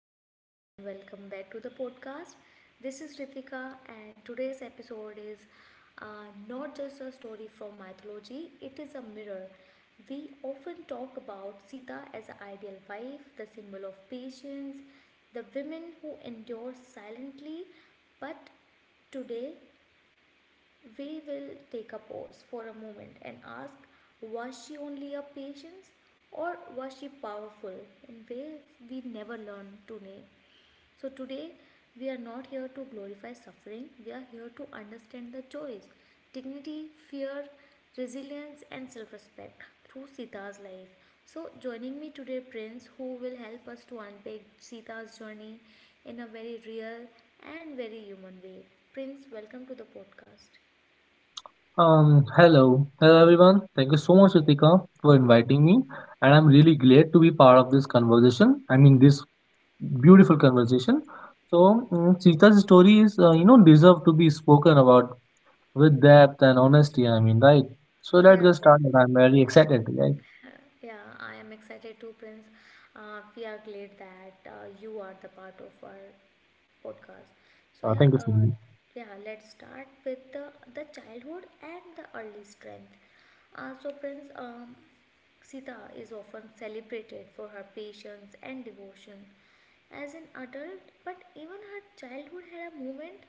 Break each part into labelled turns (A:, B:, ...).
A: humans, and welcome back to the podcast. This is Ritika, and today's episode is not just a story from mythology, it is a mirror. We often talk about Sita as an ideal wife, the symbol of patience, the women who endure silently, but today we will take a pause for a moment and ask, was she only a patience or was she powerful in ways we never learn to name? So today, we are not here to glorify suffering, we are here to understand the joys, dignity, fear, resilience, and self respect through Sita's life. So joining me today, Prince, who will help us to unpack Sita's journey in a very real and very human way. Prince, welcome to the podcast.
B: Hello. Hello everyone. Thank you so much, Ritika, for inviting me. And I'm really glad to be part of this conversation. I mean, this beautiful conversation. So, Sita's story deserve to be spoken about with depth and honesty. I mean, right? So let's
A: Yeah, uh,
B: get started. I'm very excited, right?
A: yeah, I am excited too, Prince. We are glad that you are the part of our podcast. So yeah,
B: Thank you so
A: uh,
B: much.
A: yeah, let's start with the childhood and the early strength. So Prince, Sita is often celebrated for her patience and devotion as an adult, but even her childhood had a moment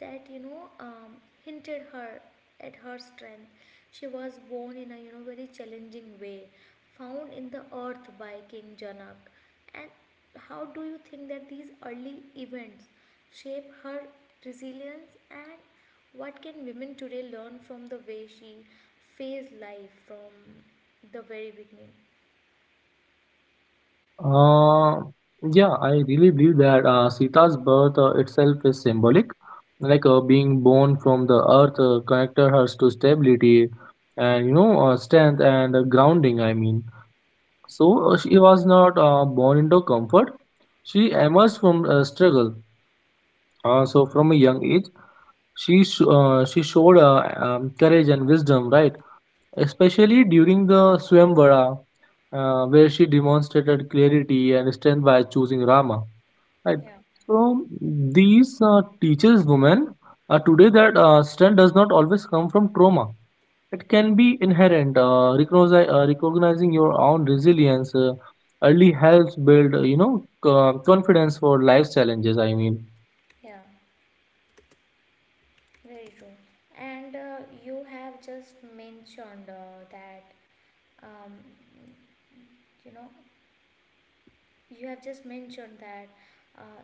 A: that hinted her at her strength. She was born in a, you know, very challenging way, found in the earth by King Janak. And how do you think that these early events shape her resilience, and what can women today learn from the way she faced life from the very beginning?
B: Uh, yeah, I really believe that Sita's birth itself is symbolic. Like being born from the earth connected her to stability and you know strength and grounding. I mean, so she was not born into comfort. She emerged from struggle. So from a young age, she showed courage and wisdom, right? Especially during the Swamvara, where she demonstrated clarity and strength by choosing Rama. Right.
A: Yeah,
B: So these teaches women today that strength does not always come from trauma. It can be inherent. Recognizing your own resilience early helps build, you know, confidence for life's challenges. I mean,
A: yeah. Very true. And you have just mentioned that, um, you know, you have just mentioned that uh,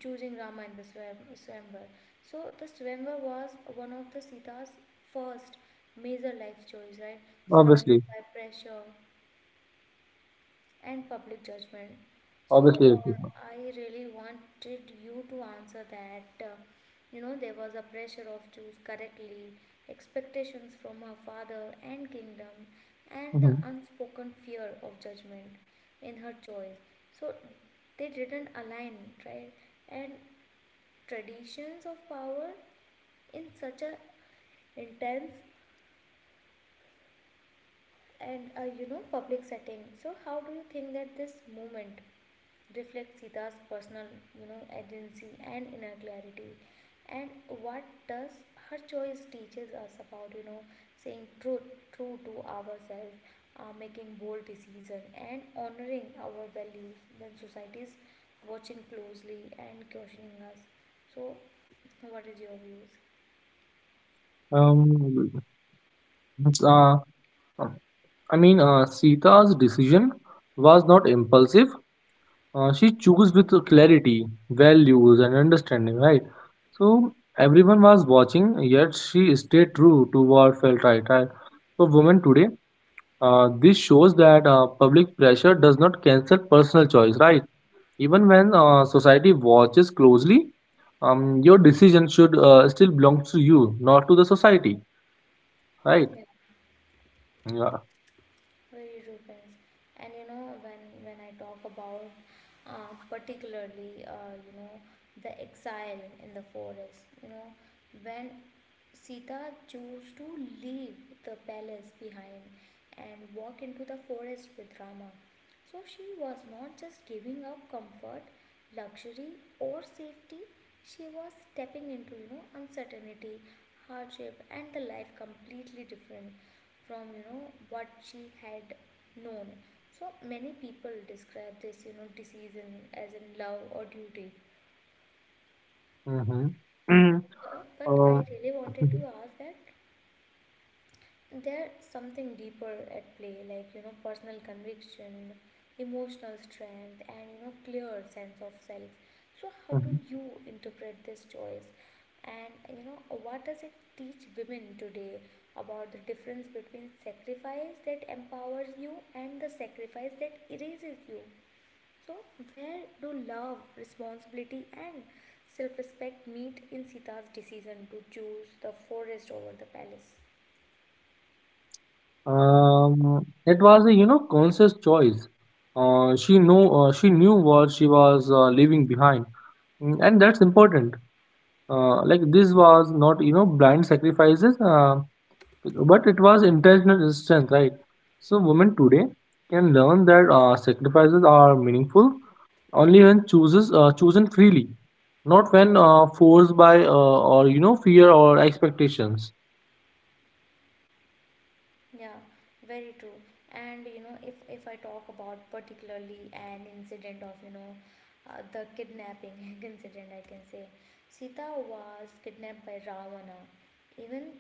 A: choosing Rama in the Swam- Swamvar. So the Swamvar was one of the Sita's first major life choice, right? Surrounded
B: obviously,
A: by pressure and public judgment. So
B: obviously.
A: I really wanted you to answer that. You know, there was a pressure of choose correctly, expectations from her father and kingdom, and the
B: hmm
A: unspoken fear of judgment in her choice. So they didn't align, right? And traditions of power in such a intense and, you know, public setting. So how do you think that this movement reflect Sita's personal, you know, agency and inner clarity? And what does her choice teaches us about, you know, saying truth, true to ourselves, making bold decisions, and honoring our values when society is watching closely and questioning us? So what is your views?
B: Um, uh, Sita's decision was not impulsive. She chose with clarity, values, and understanding, right? So everyone was watching, yet she stayed true to what felt right. Right? So women today, this shows that public pressure does not cancel personal choice, right? Even when society watches closely, your decision should still belong to you, not to the society, right?
A: Yeah.
B: Yeah.
A: Very true, friends. And you know, when I talk about particularly, you know, the exile in the forest. You know, when Sita chose to leave the palace behind and walk into the forest with Rama, so she was not just giving up comfort, luxury, or safety, she was stepping into, you know, uncertainty, hardship, and the life completely different from, you know, what she had known. So many people describe this, you know, decision as in love or duty.
B: Mm-hmm.
A: But I
B: um,
A: really wanted to ask that there's something deeper at play, like, you know, personal conviction, emotional strength, and, you know, clear sense of self. So how do you interpret this choice? And you know, what does it teach women today about the difference between sacrifice that empowers you and the sacrifice that erases you? So where do love, responsibility, and self respect meet in Sita's decision to choose the forest over the palace?
B: It was a you know conscious choice. Uh, she knew what she was leaving behind, Mm, and that's important. Like this was not you know blind sacrifices, but it was intentional strength, right? So women today can learn that sacrifices are meaningful only when chooses chosen freely, not when forced by or you know fear or expectations.
A: Yeah, very true. And you know, if I talk about particularly an incident of, you know, the kidnapping incident, I can say Sita was kidnapped by Ravana. Even,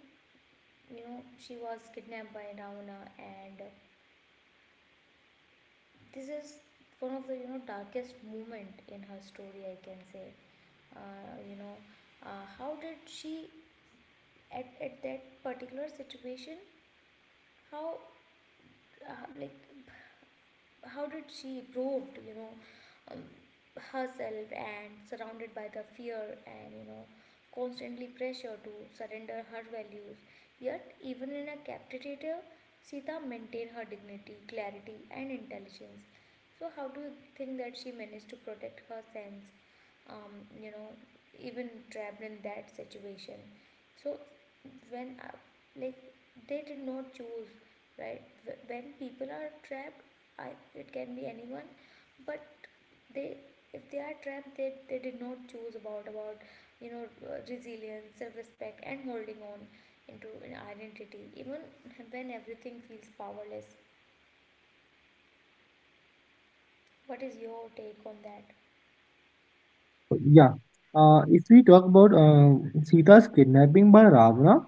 A: you know, she was kidnapped by Ravana, and this is one of the, you know, darkest moment in her story, I can say. You know, how did she at that particular situation, how, like, how did she proved, you know, um, herself and surrounded by the fear and, you know, constantly pressure to surrender her values? Yet even in a captivative, Sita maintained her dignity, clarity, and intelligence. So how do you think that she managed to protect her sense, um, you know, even trapped in that situation? So when, like, they did not choose, right? When people are trapped, it can be anyone, but they, if they are trapped, they did not choose about you know, resilience, self-respect, and holding on into an identity even when everything feels powerless. What is your take on that?
B: Yeah. If we talk about Sita's kidnapping by Ravana,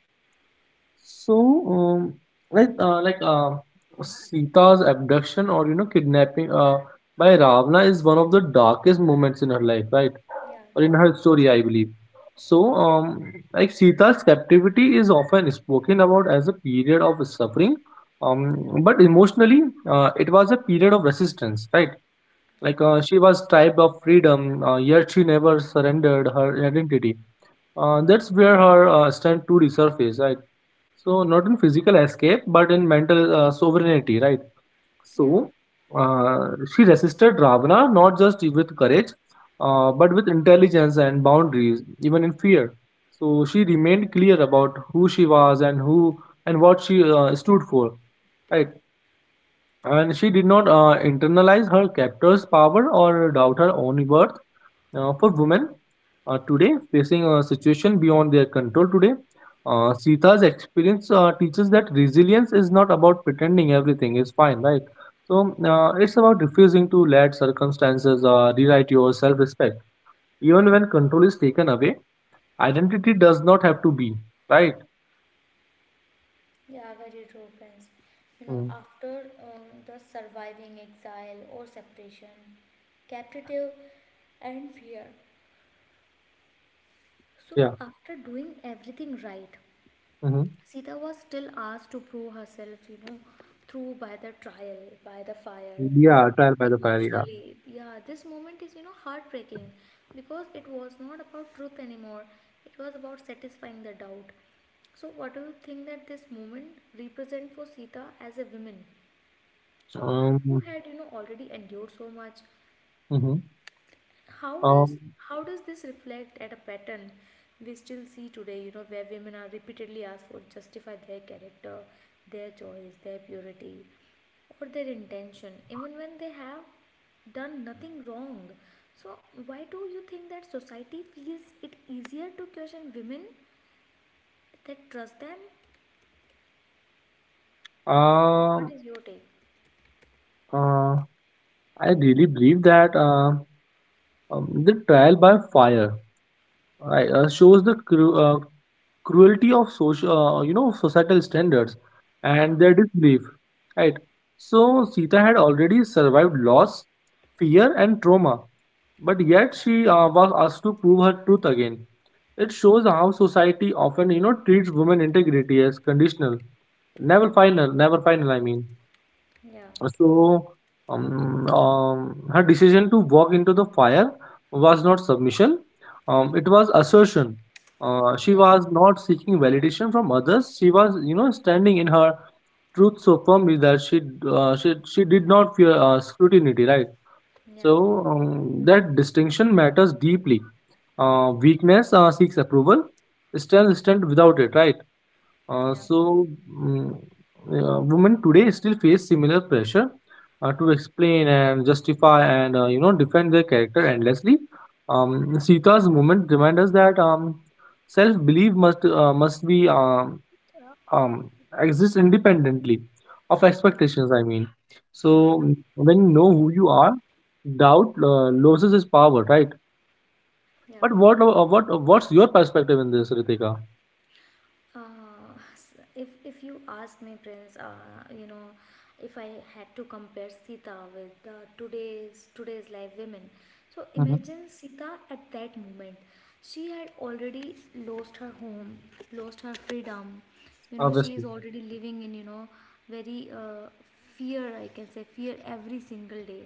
B: so um, like uh, like uh, Sita's abduction or you know kidnapping by Ravana is one of the darkest moments in her life, right?
A: yeah
B: Or in her story, I believe. So like Sita's captivity is often spoken about as a period of suffering, but emotionally, it was a period of resistance, right? Like
A: yeah
B: uh, she was stripped of freedom, yet she never surrendered her identity. That's where her strength to resurface, right? So not in physical escape, but in mental sovereignty, right?
A: yeah
B: So uh, she resisted Ravana not just with courage, but with intelligence and boundaries, even in fear. So she remained clear about who she was and what she stood for, right? And she did not internalize her captor's power or doubt her own worth. For women today, facing a situation beyond their control today, Sita's experience teaches that resilience is not about pretending everything is fine, right? So it's about refusing to let circumstances rewrite your self-respect. Even when control is taken away, identity does not have to be, right?
A: Yeah, very true, friends. You know,
B: Mm,
A: after, the surviving exile or separation, captive, and fear. So
B: Yeah.
A: after doing everything right,
B: hmm
A: Sita was still asked to prove herself, you know, through by the trial, by the fire, you
B: Yeah,
A: know,
B: trial by the fire, yeah.
A: emotionally. Yeah, this moment is, you know, heartbreaking because it was not about truth anymore, it was about satisfying the doubt. So what do you think that this moment represent for Sita as a woman? So who
B: Um,
A: had, you know, already endured so much?
B: mhm.
A: How does
B: Um,
A: this reflect at a pattern we still see today? You know, where women are repeatedly asked for justify their character, their choice, their purity, or their intention, even when they have done nothing wrong. So why do you think that society feels it easier to question women that trust them? What
B: Um,
A: is your take?
B: uh, I really believe that the trial by fire right, shows the cruelty of social, you know, societal standards
A: Yeah,
B: and their disbelief. Right. So Sita had already survived loss, fear, and trauma, but yet she was asked to prove her truth again. It shows how society often, you know, treats women integrity as conditional, never final, never final. I mean.
A: yeah,
B: So, her decision to walk into the fire was not submission, it was assertion. She
A: yeah,
B: was not seeking validation from others. She was, you know, standing in her truth so firmly that she did not fear scrutiny, right?
A: yeah,
B: So that distinction matters deeply. Weakness seeks approval, strength stands without it, right? Uh,
A: yeah,
B: so, mm, Women today still face similar pressure to explain and justify and you know defend their character endlessly. Sita's movement reminds us that self-belief must be um, exist independently of
A: yeah,
B: expectations. I mean, so
A: yeah,
B: when you know who you are, doubt loses its power, right?
A: yeah.
B: But what's your perspective in this, Ritika?
A: If you ask me, Prince, you know, if I had to compare Sita with, today's life women, so
B: hmm
A: imagine Sita at that moment. She had already lost her home, lost her freedom. You know, she is
B: Obviously.
A: already living in, you know, very, fear. I can say fear every single day,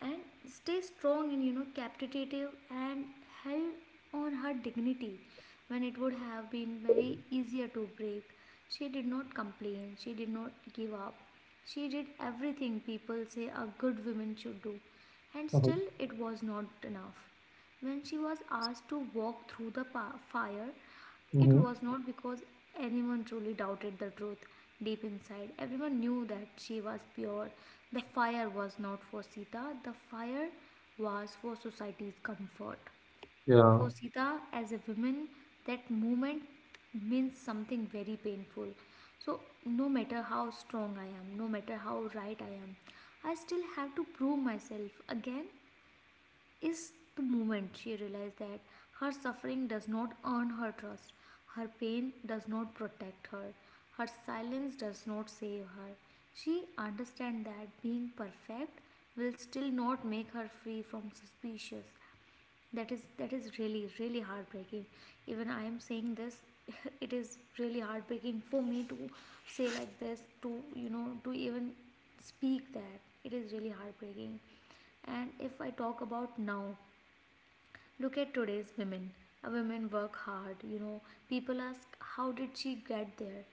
A: and stay strong and, you know, captivative and held on her dignity when it would have been very easier to break. She did not complain, she did not give up, she did everything people say a good woman should do, and
B: hmm
A: still it was not enough. When she was asked to walk through the fire, it
B: hmm
A: was not because anyone truly doubted the truth. Deep inside, everyone knew that she was pure. The fire was not for Sita, the fire was for society's comfort. For
B: Yeah.
A: Sita, as a woman, that moment means something very painful. So no matter how strong I am, no matter how right I am, I still have to prove myself again, is the moment she realized that her suffering does not earn her trust, her pain does not protect her, her silence does not save her. She understands that being perfect will still not make her free from suspicious. That is really really heartbreaking. Even I am saying this, it is really heartbreaking for me to say like this to, you know, to even speak that. It is really heartbreaking. And if I talk about now, look at today's women. A women work hard, you know. People ask, how did she get there?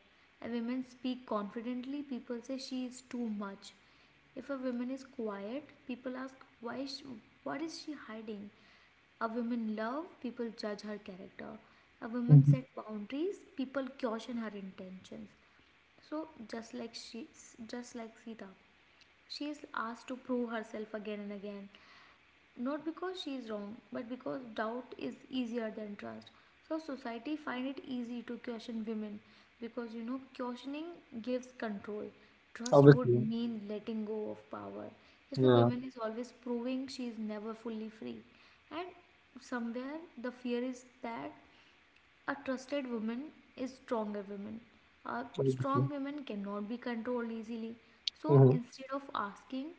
A: A women speak confidently, people say she is too much. If a woman is quiet, people ask, why is she, what is she hiding? A woman love, people judge her character. A woman
B: Mhm.
A: set boundaries, people caution her intentions. So just like just like Sita, she is asked to prove herself again and again, not because she is wrong, but because doubt is easier than trust. So society find it easy to question women because, you know, questioning gives control. Trust would
B: Obviously,
A: mean letting go of power. If a
B: yeah,
A: woman is always proving, she is never fully free. And somewhere the fear is that a trusted woman is stronger woman. A
B: obviously.
A: strong woman cannot be controlled easily. So
B: hmm
A: instead of asking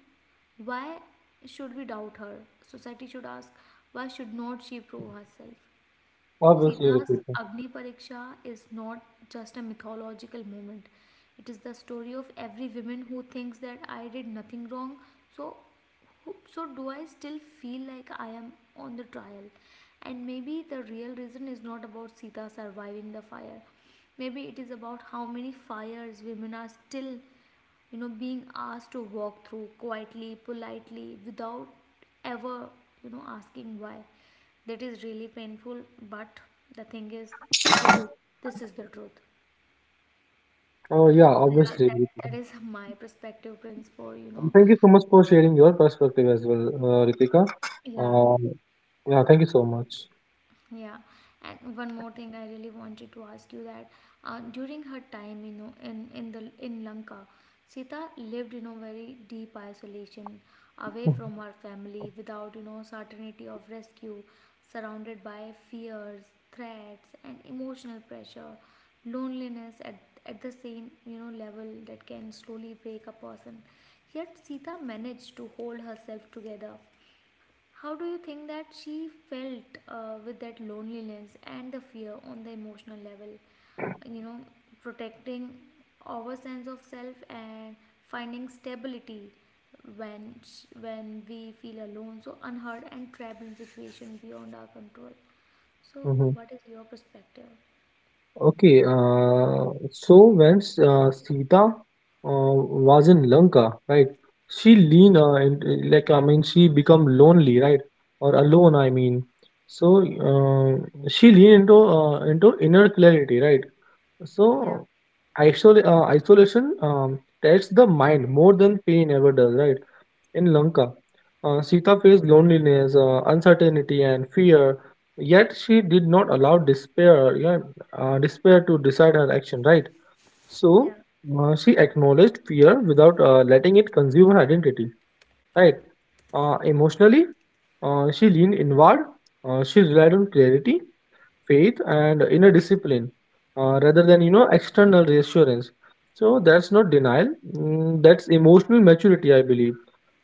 A: why should we doubt her, society should ask, why should not she prove herself?
B: Obviously,
A: Sita's
B: Ritika.
A: Agni Pariksha is not just a mythological moment. It is the story of every woman who thinks that I did nothing wrong, so so do I still feel like I am on the trial? And maybe the real reason is not about Sita surviving the fire. Maybe it is about how many fires women are still, you know, being asked to walk through quietly, politely, without ever, you know, asking why. That is really painful, but the thing is, this is this is the truth.
B: Oh, yeah,
A: So yeah,
B: obviously, Ritika.
A: that is my perspective, Prince, for you
B: And
A: know.
B: thank you so much for sharing your perspective as well, Ritika.
A: Yeah,
B: Uh, yeah, thank you so much.
A: Yeah, and one more thing I really wanted to ask you that during her time, you know, in the in Lanka, Sita lived, you know, very deep isolation, away from her family, without, you know, certainty of rescue, surrounded by fears, threats, and emotional pressure, loneliness at the same, you know, level that can slowly break a person. Yet Sita managed to hold herself together. How do you think that she felt, with that loneliness and the fear on the emotional level? You know, protecting our sense of self and finding stability when when we feel alone, so unheard and trapped in situation beyond our control. So
B: Mm-hmm.
A: what is your perspective?
B: Okay, so when Sita was in Lanka, right? She
A: Yeah,
B: lean and like I mean she become lonely, right? Or alone, I mean. So she lean into inner clarity, right?
A: yeah,
B: So, isolation tests the mind more than pain ever does, right? In Lanka, Sita faced loneliness, uncertainty, and fear. Yet she did not allow despair, yeah, despair to decide her action, right? So
A: yeah,
B: she acknowledged fear without letting it consume her identity, right? Emotionally, she leaned inward. She relied on clarity faith and inner discipline rather than you know external reassurance so that's not denial that's emotional maturity I believe.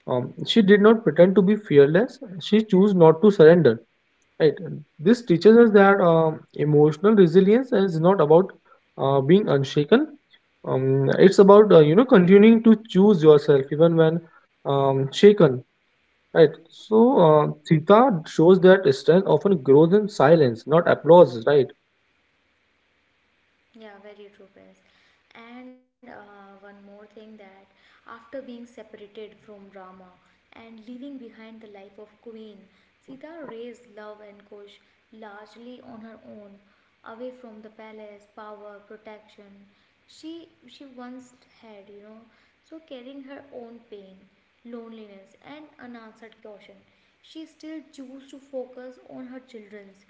B: She did not pretend to be fearless. She chose not to surrender, right? This teaches us that emotional resilience is not about being unshaken. It's about you know continuing to choose yourself even when shaken, right? So
A: yeah.
B: Sita shows that strength often grows in silence not applause, right?
A: Yeah, very true, Prince. And one more thing that after being separated from Rama and leaving behind the life of queen, Sita raised Love and Kush largely on her own, away from the palace, power, protection she once had. You know. So carrying her own pain, loneliness, and unanswered caution, she still chose to focus on her children's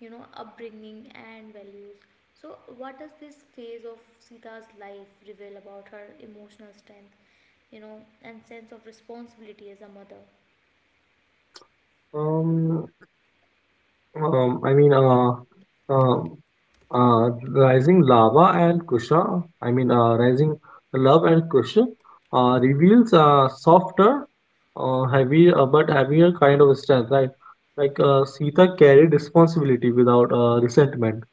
A: you know, upbringing and values. So, what does this phase of Sita's life reveal about her emotional strength you know, and sense of responsibility as a mother?
B: Um, I mean, um, Rising Lava and Kusha, I mean, Rising Love and Kusha, reveals a softer, but heavier kind of strength, right? Like Sita carried responsibility without resentment.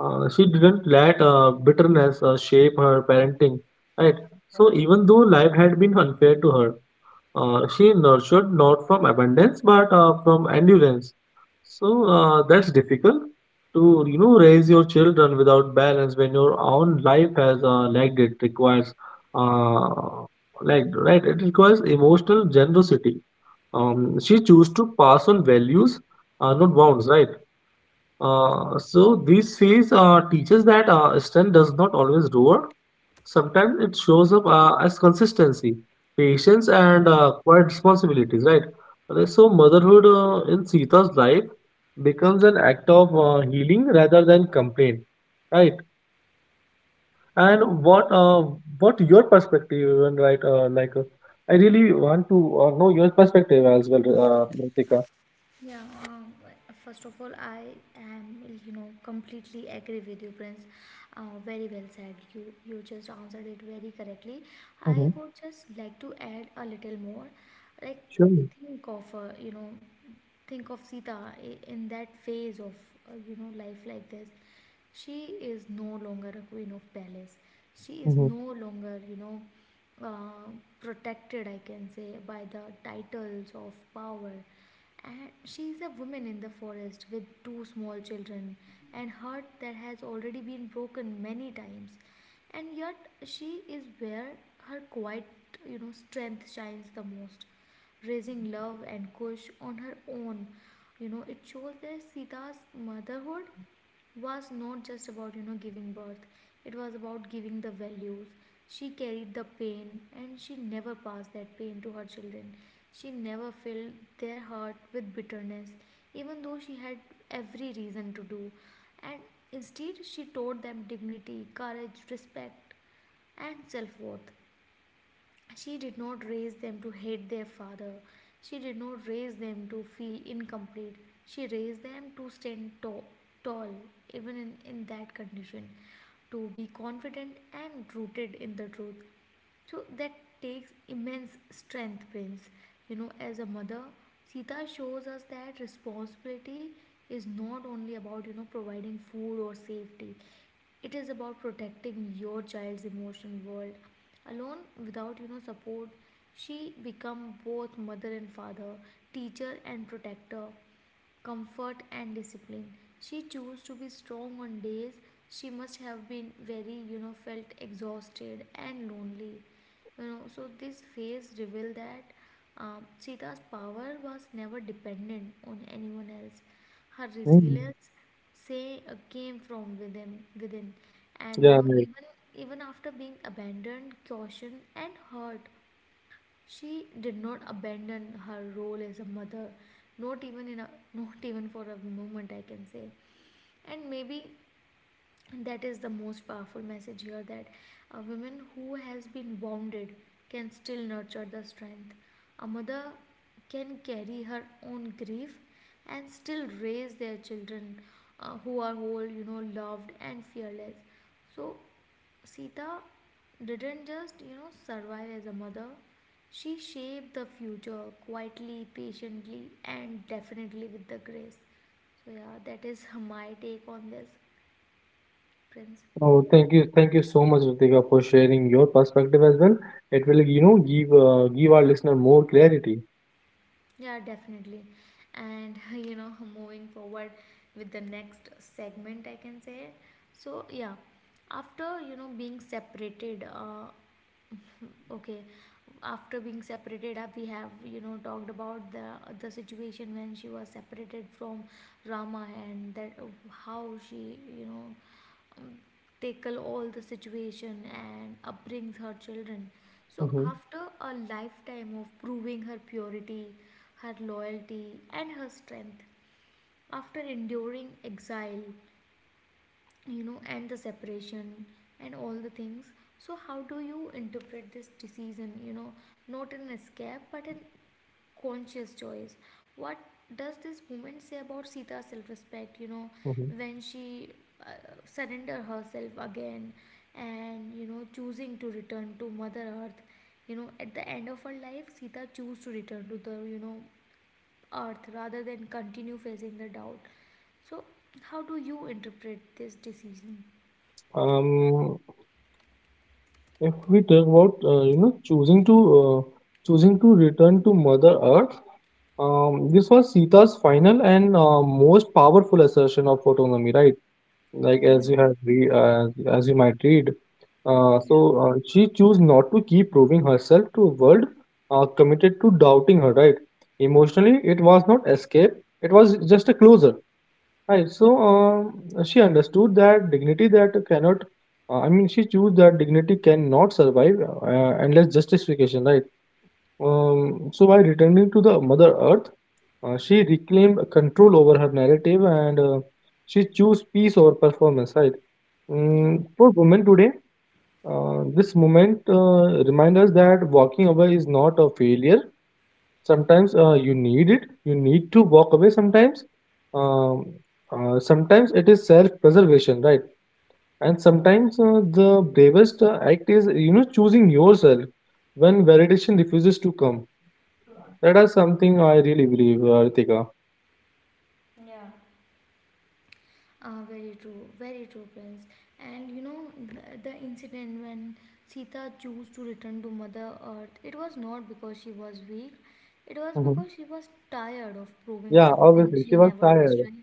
B: She didn't let bitterness shape her parenting, right? So even though life had been unfair to her, she nurtured not from abundance but from endurance. So that's difficult to you know raise your children without balance when your own life has uh, lagged. It requires uh, lagged right. It requires emotional generosity. She chose to pass on values, not bounds. Right. So these phase teaches that strength does not always roar. Sometimes it shows up as consistency, patience, and quiet responsibilities. Right. So motherhood in Sita's life becomes an act of healing rather than complaint. Right. And what your perspective even right I really want to know your perspective as well, Ritika.
A: Yeah, um, First of all, I am you know, completely agree with you, Prince. Very well said. You just answered it very correctly. I
B: Mm-hmm.
A: would just like to add a little more. Like,
B: Sure.
A: think of you know, think of Sita in that phase of you know, life like this. She is no longer a queen of palace. She is
B: Mm-hmm.
A: no longer you know, uh, protected, I can say, by the titles of power. And she is a woman in the forest with two small children and heart that has already been broken many times. And yet, she is where her quiet you know, strength shines the most raising Love and Kush on her own. You know, it shows that Sita's motherhood was not just about you know, giving birth, it was about giving the values. She carried the pain and she never passed that pain to her children. She never filled their heart with bitterness, even though she had every reason to do. And instead, she taught them dignity, courage, respect, and self worth. She did not raise them to hate their father. She did not raise them to feel incomplete. She raised them to stand tall, tall even in that condition, to be confident and rooted in the truth. So that takes immense strength, Prince. You know, as a mother, Sita shows us that responsibility is not only about you know, providing food or safety, it is about protecting your child's emotion world. Alone, without you know, support, she become both mother and father, teacher and protector comfort and discipline. She chose to be strong on days she must have been very, you know, felt exhausted and lonely. You know, so this phase revealed that Sita's power was never dependent on anyone else. Her
B: Mm.
A: resilience say came from within, and you
B: Yeah.
A: know
B: Right.
A: even even after being abandoned cautioned and hurt she did not abandon her role as a mother, not even in a not even for a moment I can say. And maybe that is the most powerful message here that a woman who has been wounded can still nurture the strength, a mother can carry her own grief and still raise their children who are whole, you know loved and fearless. So Sita didn't just you know survive as a mother, she shaped the future quietly, patiently and definitely with the grace. So yeah, that is my take on this, Prince.
B: Oh, thank you so much, Ritika, for sharing your perspective as well. It will, you know, give our listener more clarity.
A: Yeah, definitely. And you know, moving forward with the next segment, I can say. So, yeah, after you know being separated, okay, after being separated, we have you know talked about the situation when she was separated from Rama and that how she you know tackle all the situation and upbrings her children. So
B: hmm
A: after a lifetime of proving her purity, her loyalty and her strength, after enduring exile you know, and the separation and all the things, so how do you interpret this decision, you know, not an escape but an conscious choice. What does this moment say about Sita's self-respect? You know,
B: hmm
A: when she uh, surrender herself again, and you know, choosing to return to Mother Earth. You know, at the end of her life, Sita choose to return to the you know Earth rather than continue facing the doubt. So, how do you interpret this decision?
B: Um, if we talk about, you know, choosing to return to Mother Earth, this was Sita's final and most powerful assertion of autonomy, right? like
A: Yeah.
B: as you have read uh, as you might read
A: Yeah.
B: so she chose not to keep proving herself to a world committed to doubting her right emotionally. It was not escape, it was just a closure, right? So she understood that dignity that cannot I mean she chose that dignity cannot survive unless justification, right? So by returning to the mother earth she reclaimed control over her narrative and she chose peace over performance, right?
A: Yeah.
B: Mm, for women today, this movement reminds us that walking away is not a failure. Sometimes you need it. You need to walk away sometimes. Um, Sometimes it is self-preservation, right? And sometimes the bravest act is, you know, choosing yourself when validation refuses to come. That is something I really believe, Ritika.
A: Yeah. Very true, Prince. And you know, the incident when Sita chose to return to Mother Earth, it was not because she was weak, it was
B: Mhm.
A: because she was tired of proving
B: Yeah,
A: something
B: obviously.
A: she
B: She was
A: never lost,
B: tired.
A: right?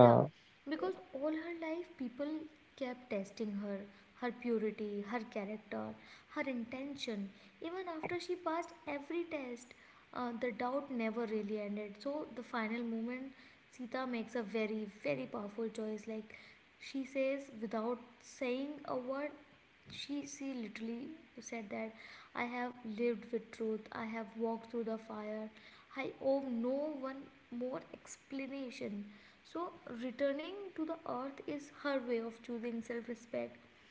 A: Yeah, because all her life people kept testing her, her purity, her character, her intention. Even after she passed every test, the doubt never really ended. So, the final moment, Sita makes a very, very powerful choice. Like she says, without saying a word, she literally said that I have lived with truth, I have walked through the fire, I owe no one more explanation. So returning to the earth is her way of choosing self-respect,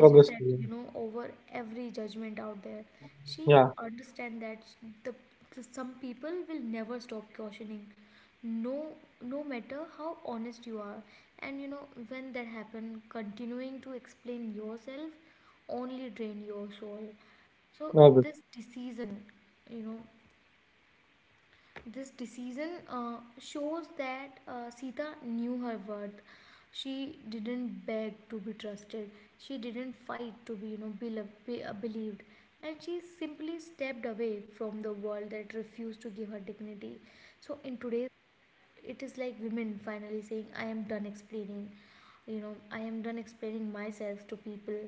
A: as you said,
B: obviously.
A: you know over every judgment out there. She
B: Yeah,
A: understand that the, the some people will never stop cautioning, no no matter how honest you are, and you know when that happen continuing to explain yourself only drain your soul. So
B: obviously.
A: this decision, you know shows that Sita knew her worth. She didn't beg to be trusted. She didn't fight to be you know, believed. And she simply stepped away from the world that refused to give her dignity. So in today's it is like women finally saying I am done explaining, you know I am done explaining myself to people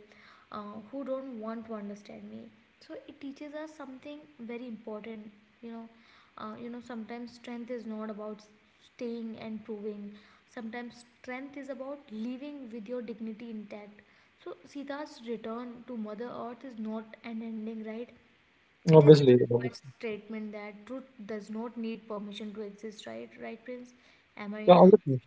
A: who don't want to understand me. So it teaches us something very important. You know you know sometimes strength is not about staying and proving, sometimes strength is about living with your dignity intact. So Sita's return to Mother Earth is not an ending, right, it is
B: Obviously.
A: just a quiet
B: Obviously.
A: statement that truth does not need permission to exist, right? Right, Prince? Am I
B: Yeah,
A: yeah.
B: obviously.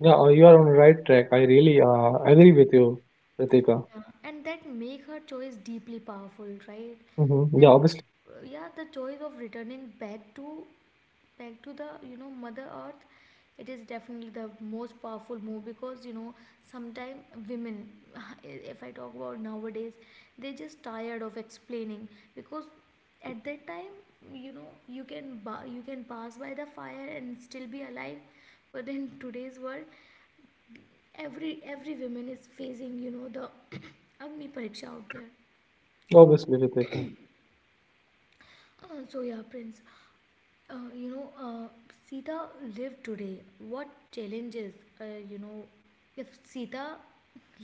B: Yeah, you are on the right track. I really agree with you, Ritika.
A: And that make her choice deeply powerful, right?
B: Mm-hmm.
A: That
B: Yeah, obviously,
A: yeah, the choice of returning back to the you know mother Earth, it is definitely the most powerful move because you know sometimes women if I talk about nowadays, they just tired of explaining. Because at that time, you know, you can you can pass by the fire and still be alive, but in today's world, every woman is facing you know the agni pariksha out there.
B: obviously, Ritika.
A: Uh, so yeah, Prince. You know, Sita lived today. What challenges, you know, if Sita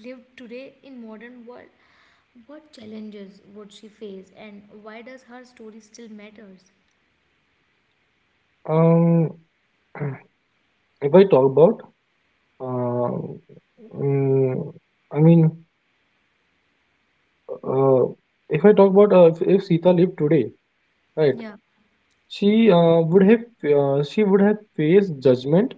A: lived today in modern world, what challenges would she face, and why does her story still matters?
B: Um, if I talk about, uh, mm, I mean, uh, if I talk about if Sita lived today, right?
A: Yeah,
B: She would have She would have faced judgment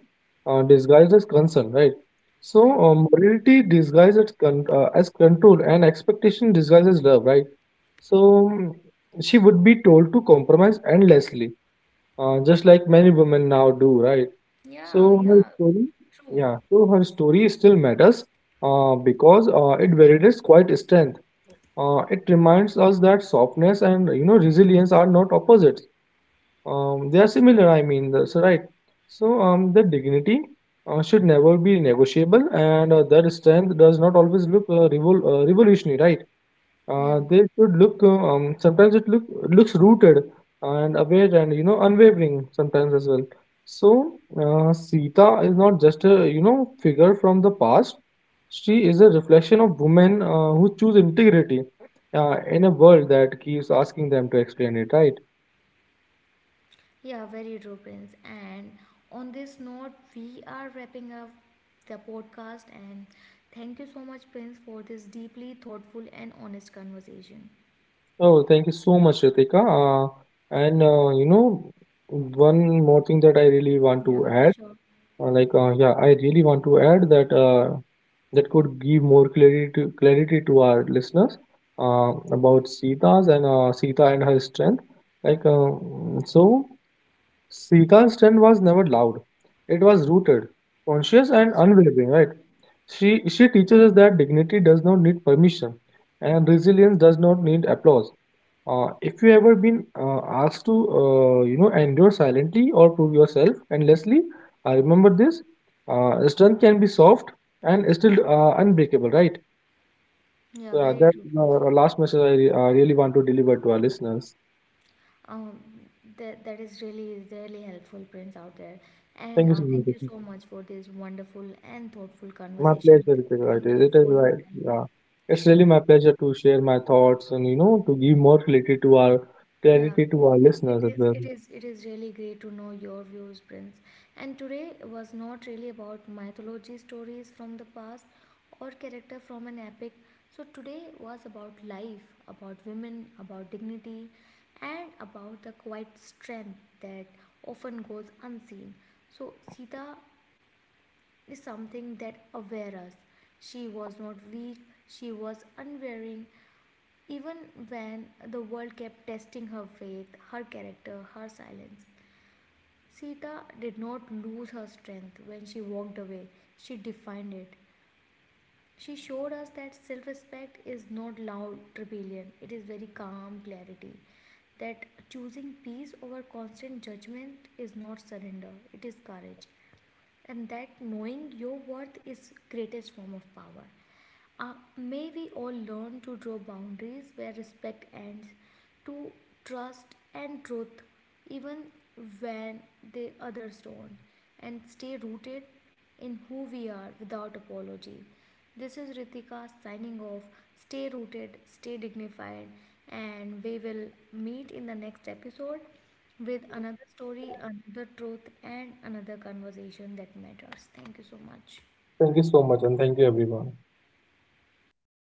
B: disguised as concern, right? So
A: yeah,
B: morality disguised as, as control, and expectation disguised as love, right? So she would be told to compromise endlessly, just like many women now do, right?
A: yeah,
B: So her
A: yeah.
B: story,
A: True.
B: yeah, so her story still matters because it validates quite strength. It reminds us that softness and you know resilience are not opposites. They are similar. I mean, that's right. So the dignity should never be negotiable, and that strength does not always look revolutionary, right?
A: Yeah,
B: They should look. Sometimes it look looks rooted and aware and you know unwavering sometimes as well. So Sita is not just a you know figure from the past. She is a reflection of women who choose integrity in a world that keeps asking them to explain it. Right.
A: yeah, very true, Prince. And on this note, we are wrapping up the podcast. And thank you so much, Prince, for this deeply thoughtful and honest conversation.
B: Oh, thank you so much, Ritika. And you know one more thing that I really want
A: Yeah,
B: to add.
A: sure.
B: Like yeah, I really want to add that that could give more clarity to our listeners about Sita and her strength. Like uh, so, Sita's strength was never loud; it was rooted, conscious,
A: It
B: and
A: was true.
B: unwavering. Right? She teaches us that dignity does not need permission, and resilience does not need applause. If you ever been asked to you know endure silently or prove yourself endlessly, remember this: strength can be soft and still unbreakable, right?
A: Yeah,
B: So
A: very
B: that's
A: true,
B: the
A: Prince.
B: last message I really want to deliver to our listeners.
A: Um, that that is really really helpful, Prince, out there.
B: Thank
A: And
B: you so much.
A: thank you so
B: Ritik.
A: much for this wonderful and thoughtful
B: My
A: conversation
B: pleasure,
A: with us.
B: Ritik.
A: Thank you
B: It is
A: for your
B: right.
A: time.
B: Yeah, it's really my pleasure to share my thoughts and you know to give more
A: Yeah,
B: clarity to our
A: it, it
B: listeners as
A: is
B: well.
A: it is really great to know your views, Prince. And today was not really about mythology stories from the past or character from an epic. So today was about life, about women, about dignity, and about the quiet strength that often goes unseen. So Sita is something that aware us. She was not weak, she was unwavering, even when the world kept testing her faith, her character, her silence, Sita did not lose her strength when she walked away. She defined it. She showed us that self respect is not loud rebellion, it is very calm clarity. That choosing peace over constant judgment is not surrender, it is courage. And that knowing your worth is greatest form of power. May we all learn to draw boundaries where respect ends, to trust and truth even when the others don't, and stay rooted in who we are without apology. This is Ritika signing off. Stay rooted, stay dignified, and we will meet in the next episode with another story, another truth, and another conversation that matters. Thank you so much.
B: Thank you so much, and thank you everyone.